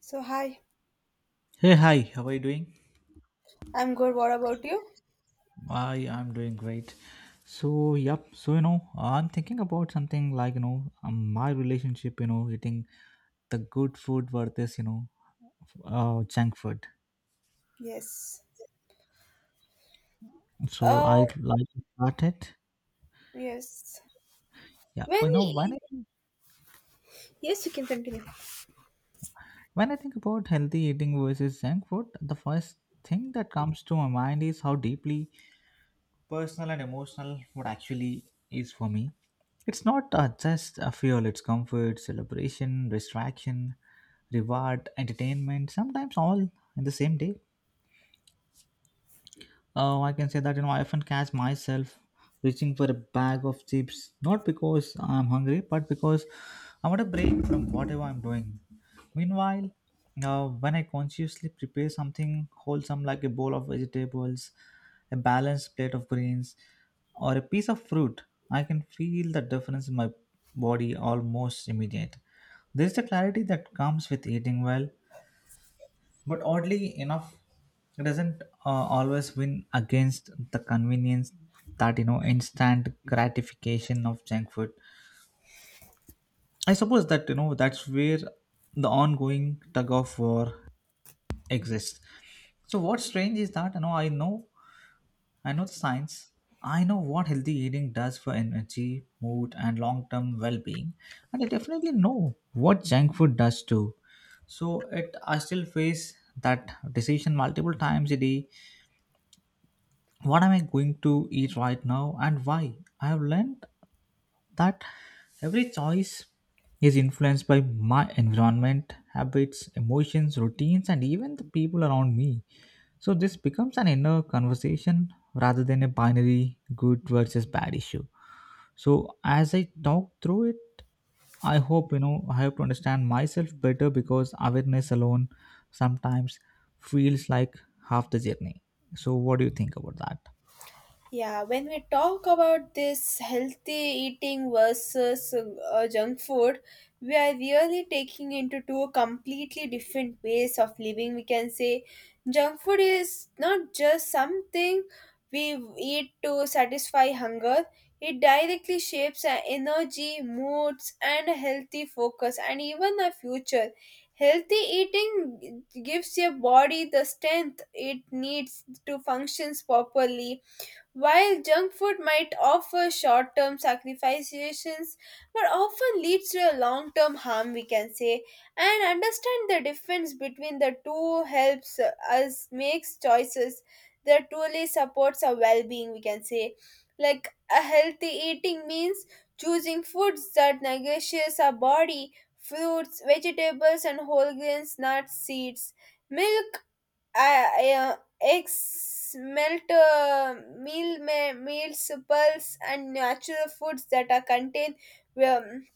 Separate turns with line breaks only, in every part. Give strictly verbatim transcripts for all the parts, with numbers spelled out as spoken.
So hi,
Hey, hi, how are you doing?
I'm good. What about you?
I am doing great. So, yep, so you know, I'm thinking about something like you know, um, my relationship, you know, eating the good food versus you know, uh, junk food.
Yes.
So,
Uh,
I'd like to start it.
yes.
Yeah,
When
but you know, when I,
we yes, you can continue.
When I think about healthy eating versus junk food, the first thing that comes to my mind is how deeply personal and emotional food actually is for me. It's not uh, just a fuel, it's comfort, celebration, distraction, reward, entertainment, sometimes all in the same day. Oh, I can say that you know I often catch myself reaching for a bag of chips, not because I'm hungry, but because I want a break from whatever I'm doing. Meanwhile, uh, when I consciously prepare something wholesome like a bowl of vegetables, a balanced plate of greens, or a piece of fruit, I can feel the difference in my body almost immediate. There's the clarity that comes with eating well, but oddly enough, it doesn't uh, always win against the convenience that you know instant gratification of junk food. I suppose that you know that's where the ongoing tug of war exists. So what's strange is that you know I know I know the science. I know what healthy eating does for energy, mood, and long-term well-being, and I definitely know what junk food does too. So it I still face that decision multiple times a day. What am I going to eat right now and why? I have learned that every choice is influenced by my environment, habits, emotions, routines, and even the people around me. So this becomes an inner conversation rather than a binary good versus bad issue. So as I talk through it, I hope you know I have to understand myself better because awareness alone sometimes feels like half the journey. So what do you think about that?
Yeah, when we talk about this healthy eating versus uh, junk food, we are really taking into two completely different ways of living. We can say junk food is not just something we eat to satisfy hunger. It directly shapes our energy, moods, and a healthy focus, and even our future. Healthy eating gives your body the strength it needs to functions properly while junk food might offer short term satisfactions, but often leads to a long term harm, we can say. And understand the difference between the two helps us make choices that truly supports our well being, we can say. Like a healthy eating means choosing foods that nourishes our body, fruits, vegetables, and whole grains, nuts, seeds. Milk, I, I, uh, eggs, melt uh, meal, ma- meals, pulse, and natural foods that are contained. Um,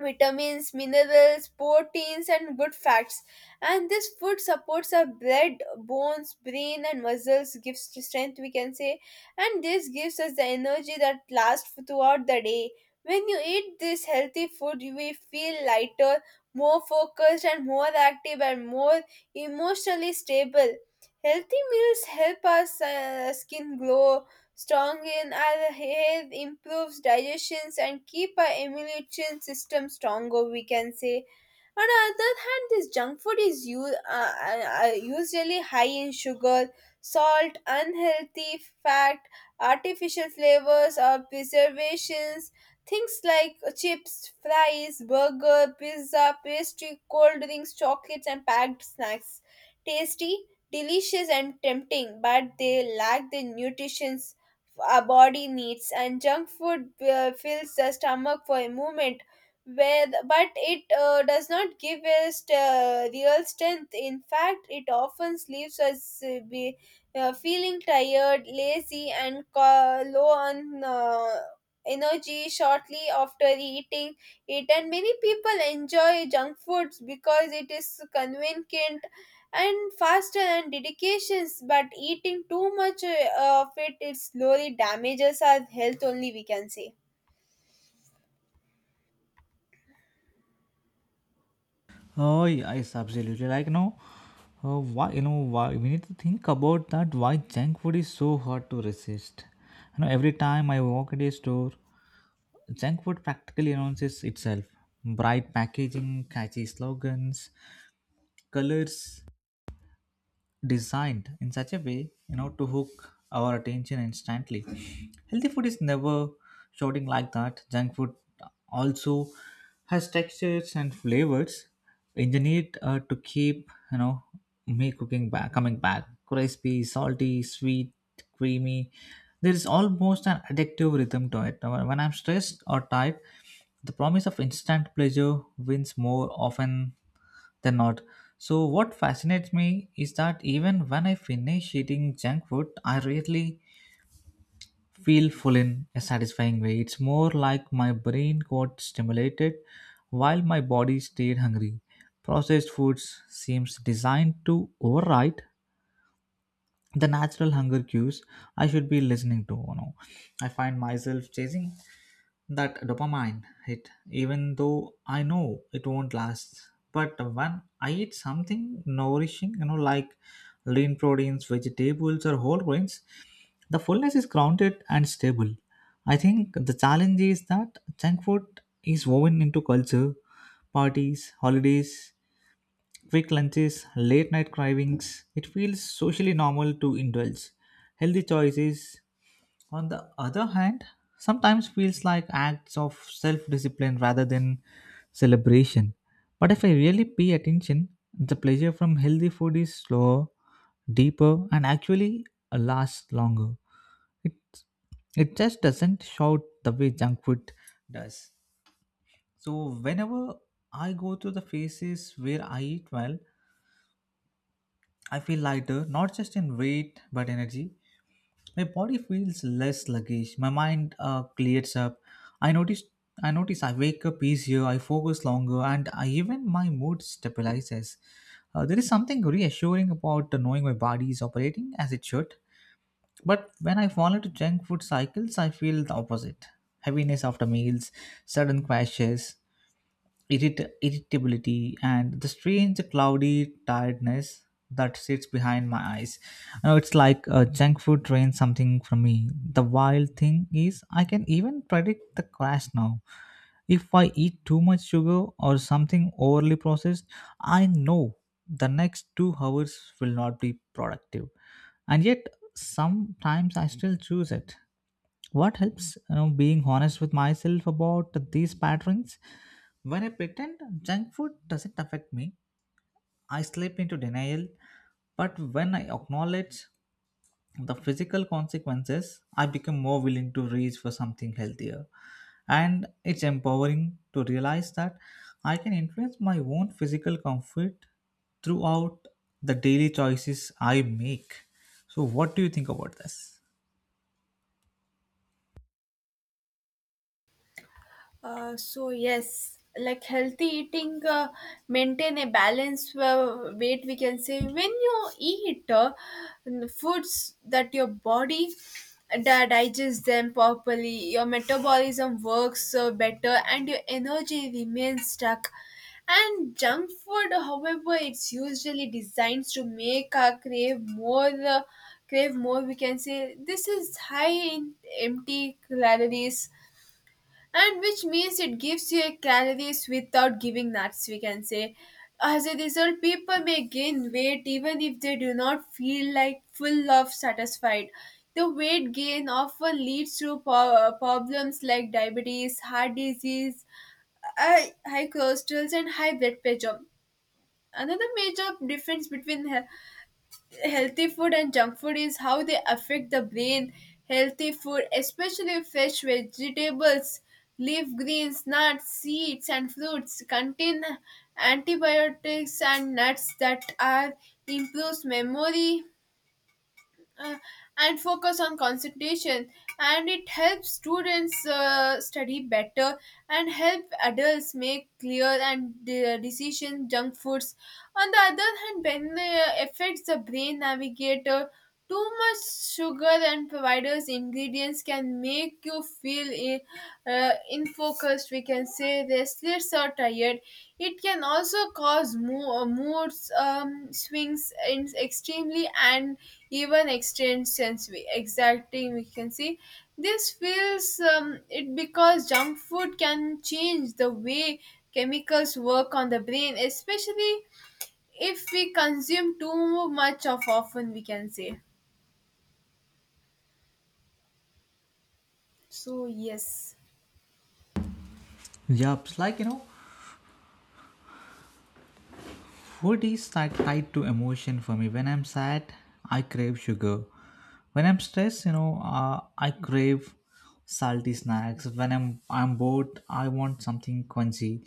vitamins, minerals, proteins, and good fats. And this food supports our blood, bones, brain, and muscles, gives strength, we can say, and this gives us the energy that lasts throughout the day. When you eat this healthy food, you will feel lighter, more focused, and more active, and more emotionally stable. Healthy meals help us uh, skin glow, strong in our health improves digestions and keep our immune system stronger, we can say. On the other hand, this junk food is u- uh, uh, usually high in sugar, salt, unhealthy fat, artificial flavors or preservations. Things like chips, fries, burger, pizza, pastry, cold drinks, chocolates, and packed snacks. Tasty, delicious, and tempting, but they lack the nutrition our body needs. And junk food uh, fills the stomach for a moment with, but it uh, does not give us uh, real strength. In fact, it often leaves us uh, be, uh, feeling tired, lazy, and ca- low on uh, energy shortly after eating it. And many people enjoy junk foods because it is convenient and faster and dedications, but eating too much uh, of it it slowly damages our health only, we can say.
Oh, yes, absolutely. Like, you know, uh, why, you know, why we need to think about that, why junk food is so hard to resist. You know, every time I walk at a store, junk food practically announces itself. Bright packaging, catchy slogans, colors designed in such a way you know to hook our attention instantly. Healthy food is never shouting like that. Junk food also has textures and flavors engineered uh, to keep you know me cooking back coming back, crispy, salty, sweet, creamy. There is almost an addictive rhythm to it. When when I'm stressed or tired, the promise of instant pleasure wins more often they're not. So, what fascinates me is that even when I finish eating junk food, I rarely feel full in a satisfying way. It's more like my brain got stimulated while my body stayed hungry. Processed foods seems designed to override the natural hunger cues I should be listening to. You know. I find myself chasing that dopamine hit even though I know it won't last. But when I eat something nourishing, you know like lean proteins, vegetables, or whole grains, the fullness is grounded and stable. I think the challenge is that junk food is woven into culture: parties, holidays, quick lunches, late night cravings. It feels socially normal to indulge. Healthy choices, on the other hand, sometimes feels like acts of self discipline rather than celebration. But if I really pay attention, the pleasure from healthy food is slower, deeper, and actually uh, lasts longer. It, it just doesn't shout the way junk food does. So, whenever I go through the phases where I eat well, I feel lighter, not just in weight but energy. My body feels less sluggish. My mind uh, clears up. I notice. I notice I wake up easier. I focus longer, and I, even my mood stabilizes. Uh, there is something reassuring about knowing my body is operating as it should. But when I fall into junk food cycles, I feel the opposite: heaviness after meals, sudden crashes, irrit- irritability, and the strange cloudy tiredness that sits behind my eyes. You know, it's like uh, junk food drains something from me. The wild thing is, I can even predict the crash now. If I eat too much sugar or something overly processed, I know the next two hours will not be productive. And yet, sometimes I still choose it. What helps you know being honest with myself about these patterns. When I pretend junk food doesn't affect me, I slip into denial. But when I acknowledge the physical consequences, I become more willing to reach for something healthier. And it's empowering to realize that I can influence my own physical comfort throughout the daily choices I make. So what do you think about this?
Uh, so yes, like healthy eating, uh, maintain a balance uh, weight. We can say when you eat uh, n- foods that your body that digests them properly, your metabolism works uh, better, and your energy remains stuck. And junk food, however, it's usually designed to make our crave more. Uh, crave more, we can say this is high in empty calories, and which means it gives you calories without giving nuts, we can say. As a result, people may gain weight even if they do not feel like full of satisfied. The weight gain often leads to po- uh, problems like diabetes, heart disease, high high cholesterol, and high blood pressure. Another major difference between he- healthy food and junk food is how they affect the brain. Healthy food, especially fresh vegetables, leaf greens, nuts, seeds, and fruits, contain antibiotics and nuts that are improves memory, uh, and focus on concentration, and it helps students uh, study better and help adults make clear and de- uh, decision. Junk foods on the other hand when uh, affects the brain navigator. Too much sugar and providers ingredients can make you feel in, uh, infocused, we can say, restless or tired. It can also cause mo- mood um, swings in extremely and even extreme sense we exacting, we can see. This feels um, it because junk food can change the way chemicals work on the brain, especially if we consume too much of often, we can say. So yes.
Yeah, it's like you know, food is like tied to emotion for me. When I'm sad, I crave sugar. When I'm stressed, you know, uh, I crave salty snacks. When I'm I'm bored, I want something crunchy.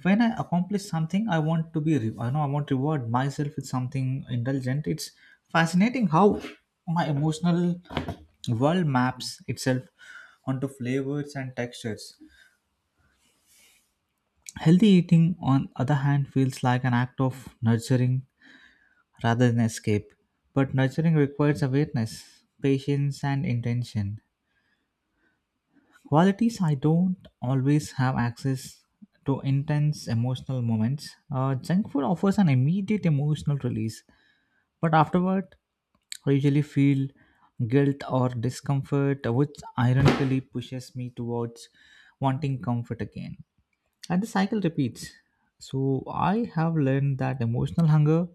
When I accomplish something, I want to be re- I know I want to reward myself with something indulgent. It's fascinating how my emotional world maps itself onto flavors and textures. Healthy eating, on other hand, feels like an act of nurturing rather than escape. But nurturing requires awareness, patience, and intention. Qualities I don't always have access to intense emotional moments. Uh, junk food offers an immediate emotional release, but afterward, I usually feel guilt or discomfort, which ironically pushes me towards wanting comfort again. And the cycle repeats. So, I have learned that emotional hunger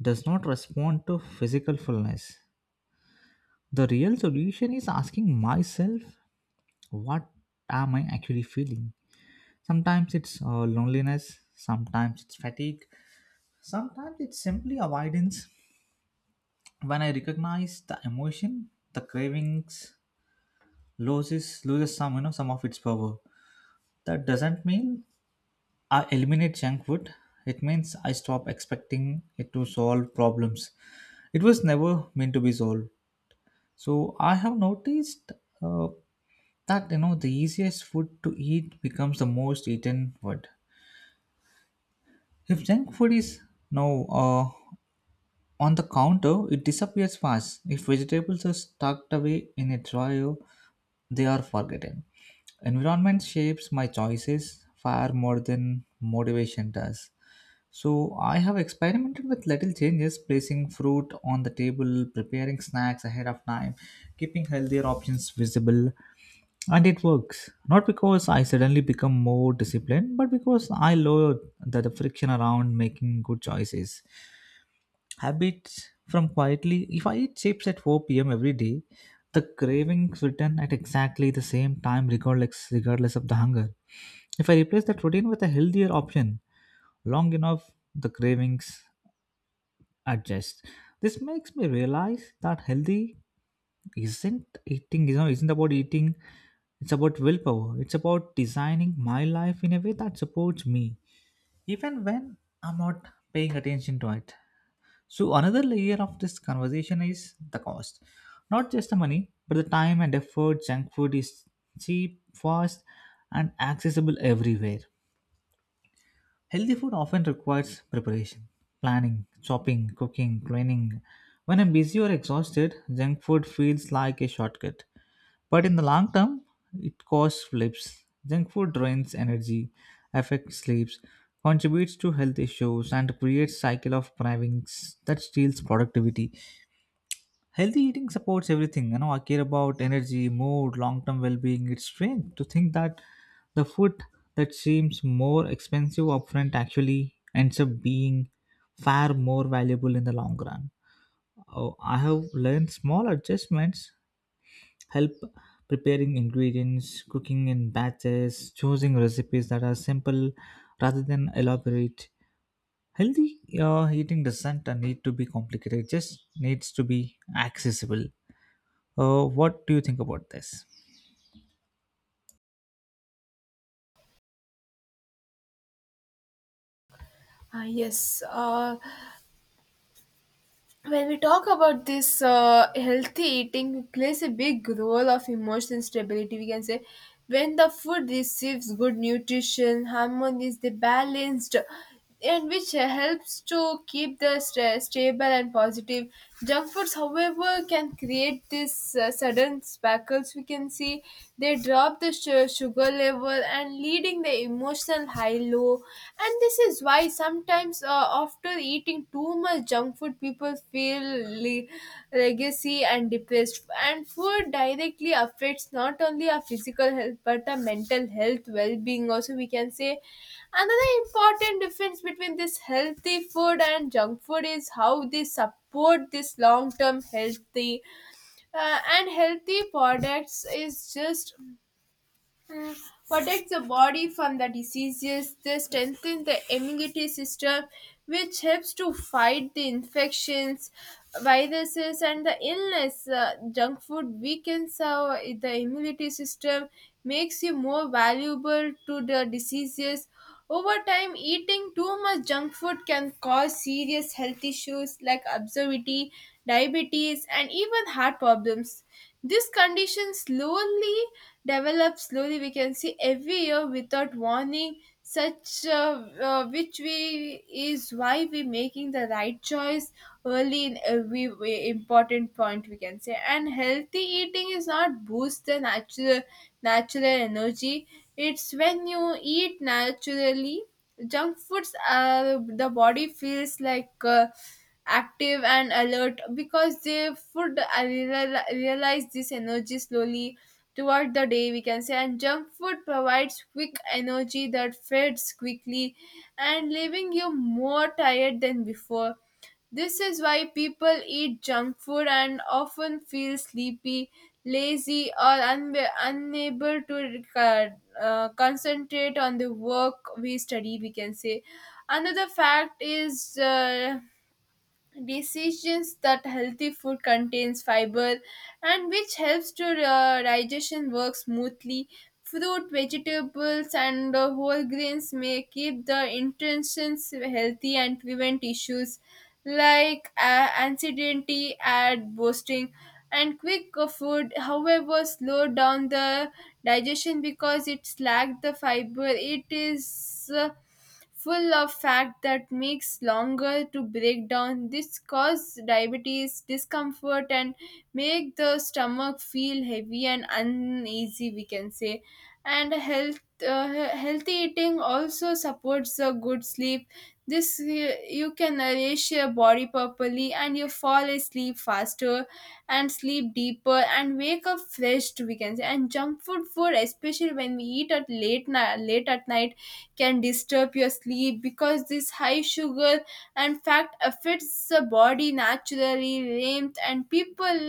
does not respond to physical fullness. The real solution is asking myself, what am I actually feeling? Sometimes it's uh, loneliness, sometimes it's fatigue, sometimes it's simply avoidance. When I recognize the emotion, the cravings loses loses some you know some of its power. That doesn't mean I eliminate junk food. It means I stop expecting it to solve problems. It was never meant to be solved. So I have noticed uh, that you know the easiest food to eat becomes the most eaten food. If junk food is now uh, on the counter, it disappears fast. If vegetables are tucked away in a drawer, they are forgotten. Environment shapes my choices far more than motivation does. So I have experimented with little changes: placing fruit on the table, preparing snacks ahead of time, keeping healthier options visible. And it works. Not because I suddenly become more disciplined, but because I lower the, the friction around making good choices. Habits from quietly, if I eat chips at four p m every day, the cravings return at exactly the same time, regardless, regardless of the hunger. If I replace that routine with a healthier option, long enough, the cravings adjust. This makes me realize that healthy isn't eating you know isn't about eating, it's about willpower. It's about designing my life in a way that supports me even when I'm not paying attention to it. So another layer of this conversation is the cost, not just the money but the time and effort. Junk food is cheap, fast, and accessible everywhere. Healthy food often requires preparation, planning, shopping, cooking, cleaning. When I'm busy or exhausted, junk food feels like a shortcut. But in the long term, it causes flips. Junk food drains energy, affects sleeps, contributes to health issues, and creates cycle of cravings that steals productivity. Healthy eating supports everything. You know, I care about energy, mood, long-term well-being. It's strange to think that the food that seems more expensive upfront actually ends up being far more valuable in the long run. Oh, I have learned small adjustments help: preparing ingredients, cooking in batches, choosing recipes that are simple rather than elaborate. Healthy uh, eating doesn't uh, need to be complicated, it just needs to be accessible. Uh, what do you think about this?
Ah yes, uh, when we talk about this uh, healthy eating plays a big role of emotional stability, we can say. When the food receives good nutrition harmony they balanced, and which helps to keep the st- stable and positive. Junk foods however can create this uh, sudden sparkles, we can see. They drop the su- sugar level and leading the emotional high low. And this is why sometimes uh, after eating too much junk food people feel le- legacy and depressed. And food directly affects not only our physical health but our mental health well-being also, we can say. Another important difference between this healthy food and junk food is how they support this long-term healthy uh, and healthy products is just protects the body from the diseases. They strengthen the immunity system, which helps to fight the infections, viruses, and the illness. Uh, junk food weakens our, the immunity system, makes you more valuable to the diseases. Over time, eating too much junk food can cause serious health issues like obesity, diabetes, and even heart problems. This condition slowly develops slowly. We can see every year without warning, such uh, uh, which we is why we making the right choice early in every way, important point, we can say. And healthy eating is not boost the natural natural energy. It's when you eat naturally. Junk foods, uh, the body feels like. Uh, active and alert because they would real- realize this energy slowly toward the day, we can say. And junk food provides quick energy that fades quickly and leaving you more tired than before. This is why people eat junk food and often feel sleepy, lazy, or unbe- unable to uh, uh, concentrate on the work we study, we can say. Another fact is uh, decisions that healthy food contains fiber and which helps to uh, digestion work smoothly. Fruit, vegetables, and uh, whole grains may keep the intestines healthy and prevent issues like uh, anxiety and boosting. And quick uh, food however slow down the digestion because it's lacked the fiber. It is uh, full of fat that makes longer to break down. This cause diabetes discomfort and make the stomach feel heavy and uneasy. We can say, and health. Uh, he- healthy eating also supports a good sleep. This uh, you can nourish your body properly and you fall asleep faster and sleep deeper and wake up fresh, we can say. And junk food food especially when we eat at late night late at night can disturb your sleep because this high sugar and fat affects the body naturally length. And people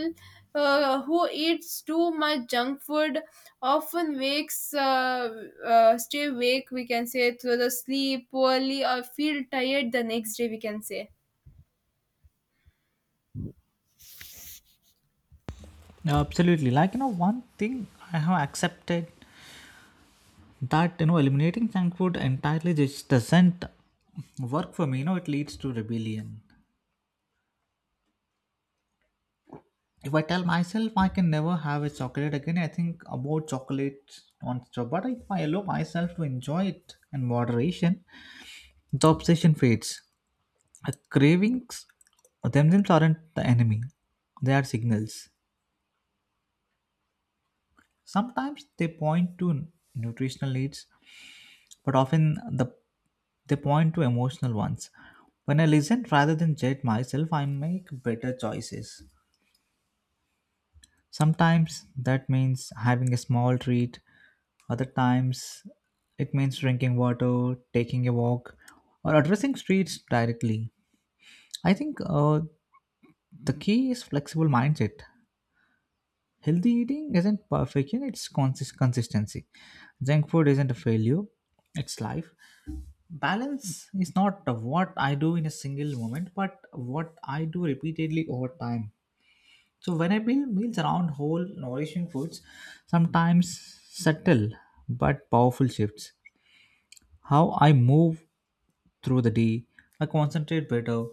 uh, who eats too much junk food often wakes uh, uh, stay awake, we can say, through the sleep poorly or feel tired the next day, we can say.
Absolutely. Like, you know, one thing I have accepted that, you know, eliminating junk food entirely just doesn't work for me. You know, it leads to rebellion. If I tell myself I can never have a chocolate again, I think about chocolate non-stop. But if I allow myself to enjoy it in moderation, the obsession fades. The cravings themselves aren't the enemy; they are signals. Sometimes they point to nutritional needs, but often the they point to emotional ones. When I listen rather than judge myself, I make better choices. Sometimes that means having a small treat, other times it means drinking water, taking a walk, or addressing streets directly. I think uh, the key is flexible mindset. Healthy eating isn't perfection, it's consist- consistency. Junk food isn't a failure, it's life. Balance is not what I do in a single moment, but what I do repeatedly over time. So when I build meals around whole, nourishing foods, sometimes subtle but powerful shifts. How I move through the day, I concentrate better,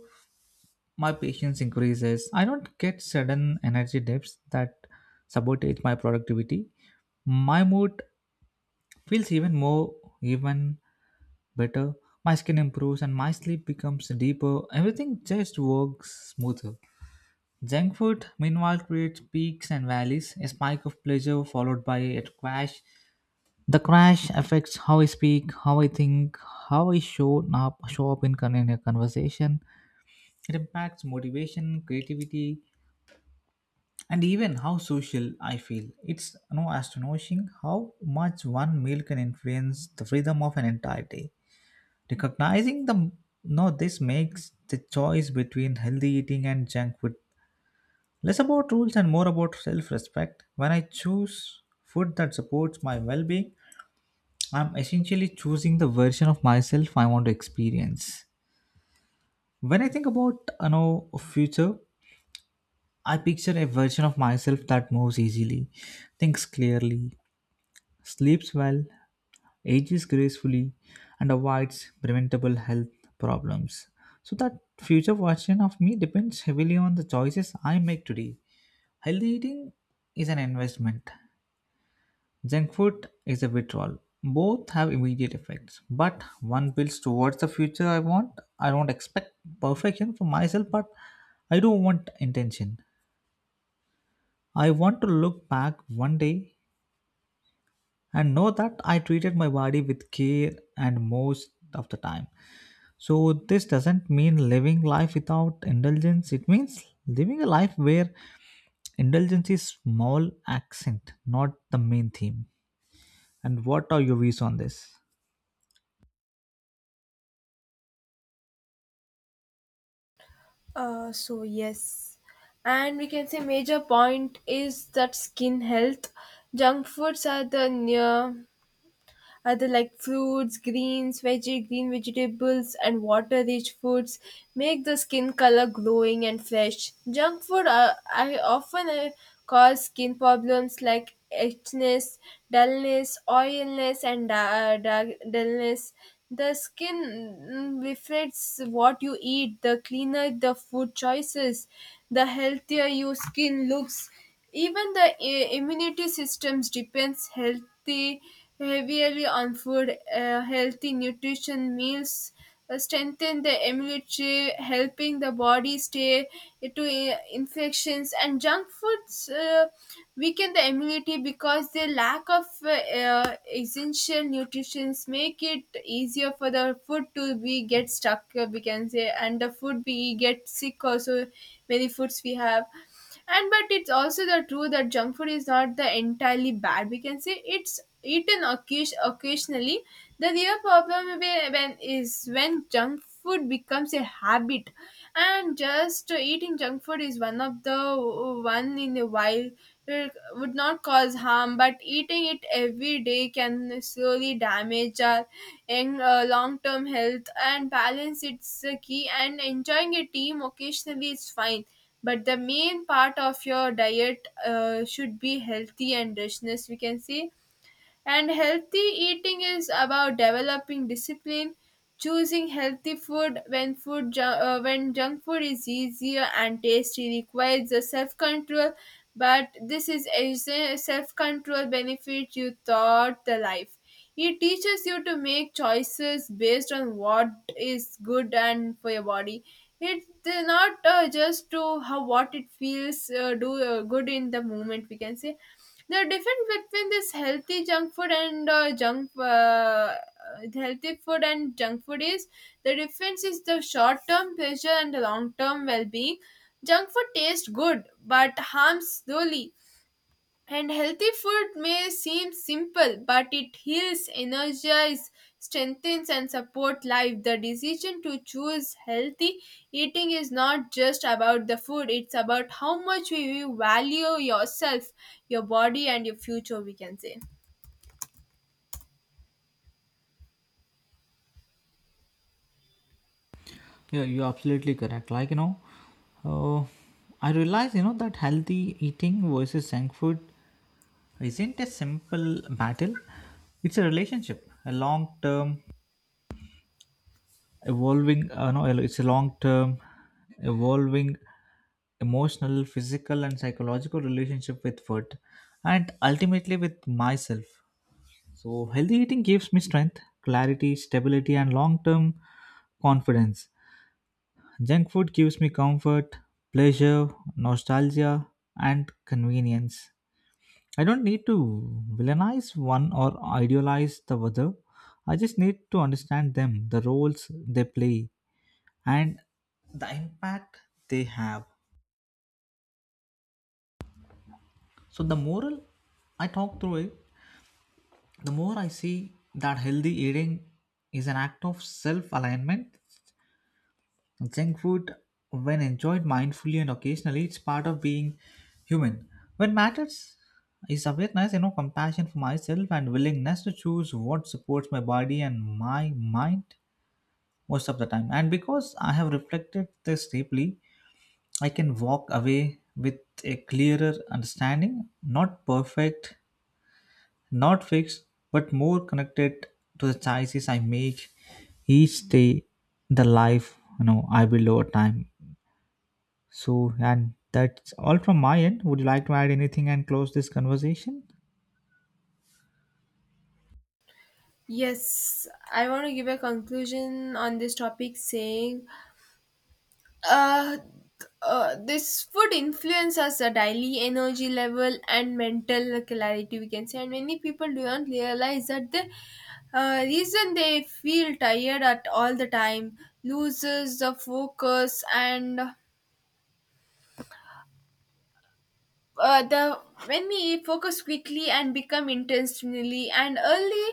my patience increases. I don't get sudden energy dips that sabotage my productivity. My mood feels even more, even better. My skin improves and my sleep becomes deeper. Everything just works smoother. Junk food, meanwhile, creates peaks and valleys, a spike of pleasure followed by a crash. The crash affects how I speak, how I think, how I show up, show up in, con- in a conversation. It impacts motivation, creativity, and even how social I feel. It's no astonishing how much one meal can influence the freedom of an entire day. Recognizing the no, this makes the choice between healthy eating and junk food less about rules and more about self respect. When I choose food that supports my well being, I'm essentially choosing the version of myself I want to experience. When I think about you know future, I picture a version of myself that moves easily, thinks clearly, sleeps well, ages gracefully, and avoids preventable health problems. So that future version of me depends heavily on the choices I make today. Healthy eating is an investment. Junk food is a withdrawal. Both have immediate effects, but one builds towards the future I want. I don't expect perfection from myself, but I do want intention. I want to look back one day and know that I treated my body with care and most of the time. So, this doesn't mean living life without indulgence, it means living a life where indulgence is small accent, not the main theme. And what are your views on this?
Uh, so yes, and we can say major point is that skin health. Junk foods are the near other like fruits, greens, veggie, green vegetables, and water-rich foods make the skin color glowing and fresh. Junk food uh, I often uh, cause skin problems like itchiness, dullness, oiliness, and da- da- dullness. The skin mm, reflects what you eat. The cleaner the food choices, the healthier your skin looks. Even the i- immunity systems depends healthy heavily on food. Uh, healthy nutrition meals uh, strengthen the immunity, helping the body stay to uh, infections. And junk foods uh, weaken the immunity because the lack of uh, uh, essential nutrients make it easier for the food to be get stuck. uh, We can say, and the food we get sick also. Many foods we have, and but it's also the true that junk food is not the entirely bad, we can say, it's eaten occasion- occasionally. The real problem whe- when is when junk food becomes a habit. And just eating junk food is one of the one in a while uh, would not cause harm, but eating it every day can slowly damage our in uh, long-term health. And balance it's the key, and enjoying a team occasionally is fine, but the main part of your diet uh, should be healthy and richness, we can say. And healthy eating is about developing discipline, choosing healthy food when food ju- uh, when junk food is easier and tasty requires the self control. But this is self control benefit you thought the life. It teaches you to make choices based on what is good and for your body. It's not uh, just to how what it feels uh, do uh, good in the moment. We can say the difference between this healthy junk food and uh, junk uh, healthy food and junk food is the difference is the short term pleasure and the long term well being. Junk food tastes good but harms slowly, and healthy food may seem simple, but it heals, energizes, strengthens, and supports life. The decision to choose healthy eating is not just about the food, it's about how much you value yourself, your body, and your future, we can say.
Yeah, you're absolutely correct. Like, you know, uh, I realize, you know, that healthy eating versus junk food isn't a simple battle. It's a relationship, a long term evolving, uh, no, it's a long term evolving emotional, physical, and psychological relationship with food and ultimately with myself. So, healthy eating gives me strength, clarity, stability, and long term confidence. Junk food gives me comfort, pleasure, nostalgia, and convenience. I don't need to villainize one or idealize the other. I just need to understand them, the roles they play, and the impact they have. So, the moral I talk through it, the more I see that healthy eating is an act of self alignment. Junk food, when enjoyed mindfully and occasionally, it's part of being human. What matters is awareness, you know, compassion for myself and willingness to choose what supports my body and my mind most of the time. And because I have reflected this deeply, I can walk away with a clearer understanding, not perfect, not fixed, but more connected to the choices I make each day, the life you know I build over time. So, and that's all from my end. Would you like to add anything and close this conversation?
Yes, I want to give a conclusion on this topic saying Uh, uh, this would influence us a daily energy level and mental clarity, we can say. And many people do not realize that the uh, reason they feel tired at all the time loses the focus and uh, the when we focus quickly and become intentionally and early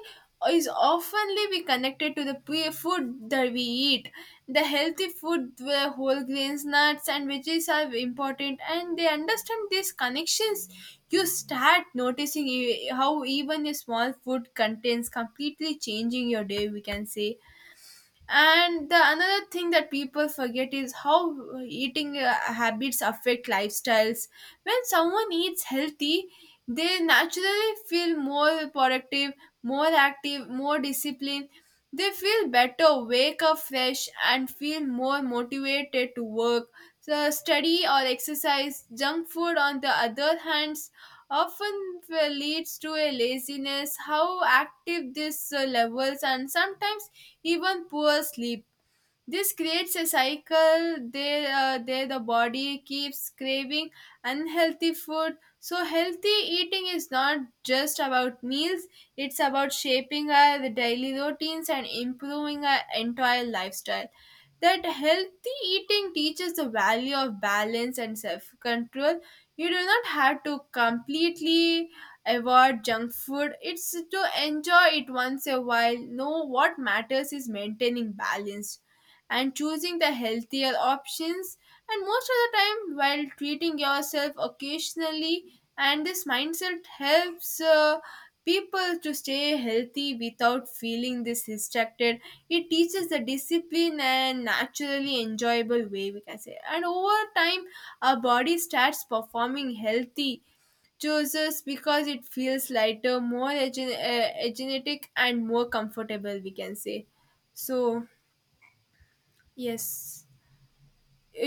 is oftenly be connected to the pre- food that we eat. The healthy food where whole grains, nuts, and veggies are important, and they understand these connections. You start noticing e- how even a small food contains completely changing your day, we can say. And the another thing that people forget is how uh, eating uh, habits affect lifestyles. When someone eats healthy they naturally feel more productive, more active, more disciplined. They feel better, wake up fresh, and feel more motivated to work, so study or exercise. Junk food on the other hands often uh, leads to a laziness, how active these uh, levels, and sometimes even poor sleep. This creates a cycle there, uh, there the body keeps craving unhealthy food. So, healthy eating is not just about meals, it's about shaping our daily routines and improving our entire lifestyle. That healthy eating teaches the value of balance and self control. You do not have to completely avoid junk food, it's to enjoy it once a while. No, what matters is maintaining balance and choosing the healthier options and most of the time while treating yourself occasionally. And this mindset helps uh, people to stay healthy without feeling this distracted. It teaches the discipline and naturally enjoyable way, we can say. And over time our body starts performing healthy choices because it feels lighter, more egen- uh, energetic and more comfortable, we can say. So yes.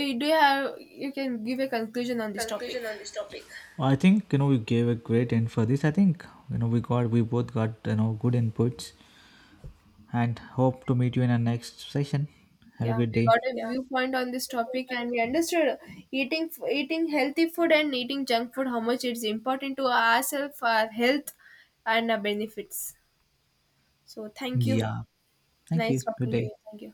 Eh, do you have you can give a conclusion on this topic.
Conclusion on this topic. I think you know we gave a great end for this. I think you know we got we both got you know good inputs and hope to meet you in our next session. Have a
Yeah,
good
we got
day.
a
Yeah.
viewpoint on this topic and we understood eating f- eating healthy food and eating junk food how much it's important to ourselves, our health, and our benefits. So thank you.
Yeah. Thank you.
Nice
Good
talking to
day.
you, thank you.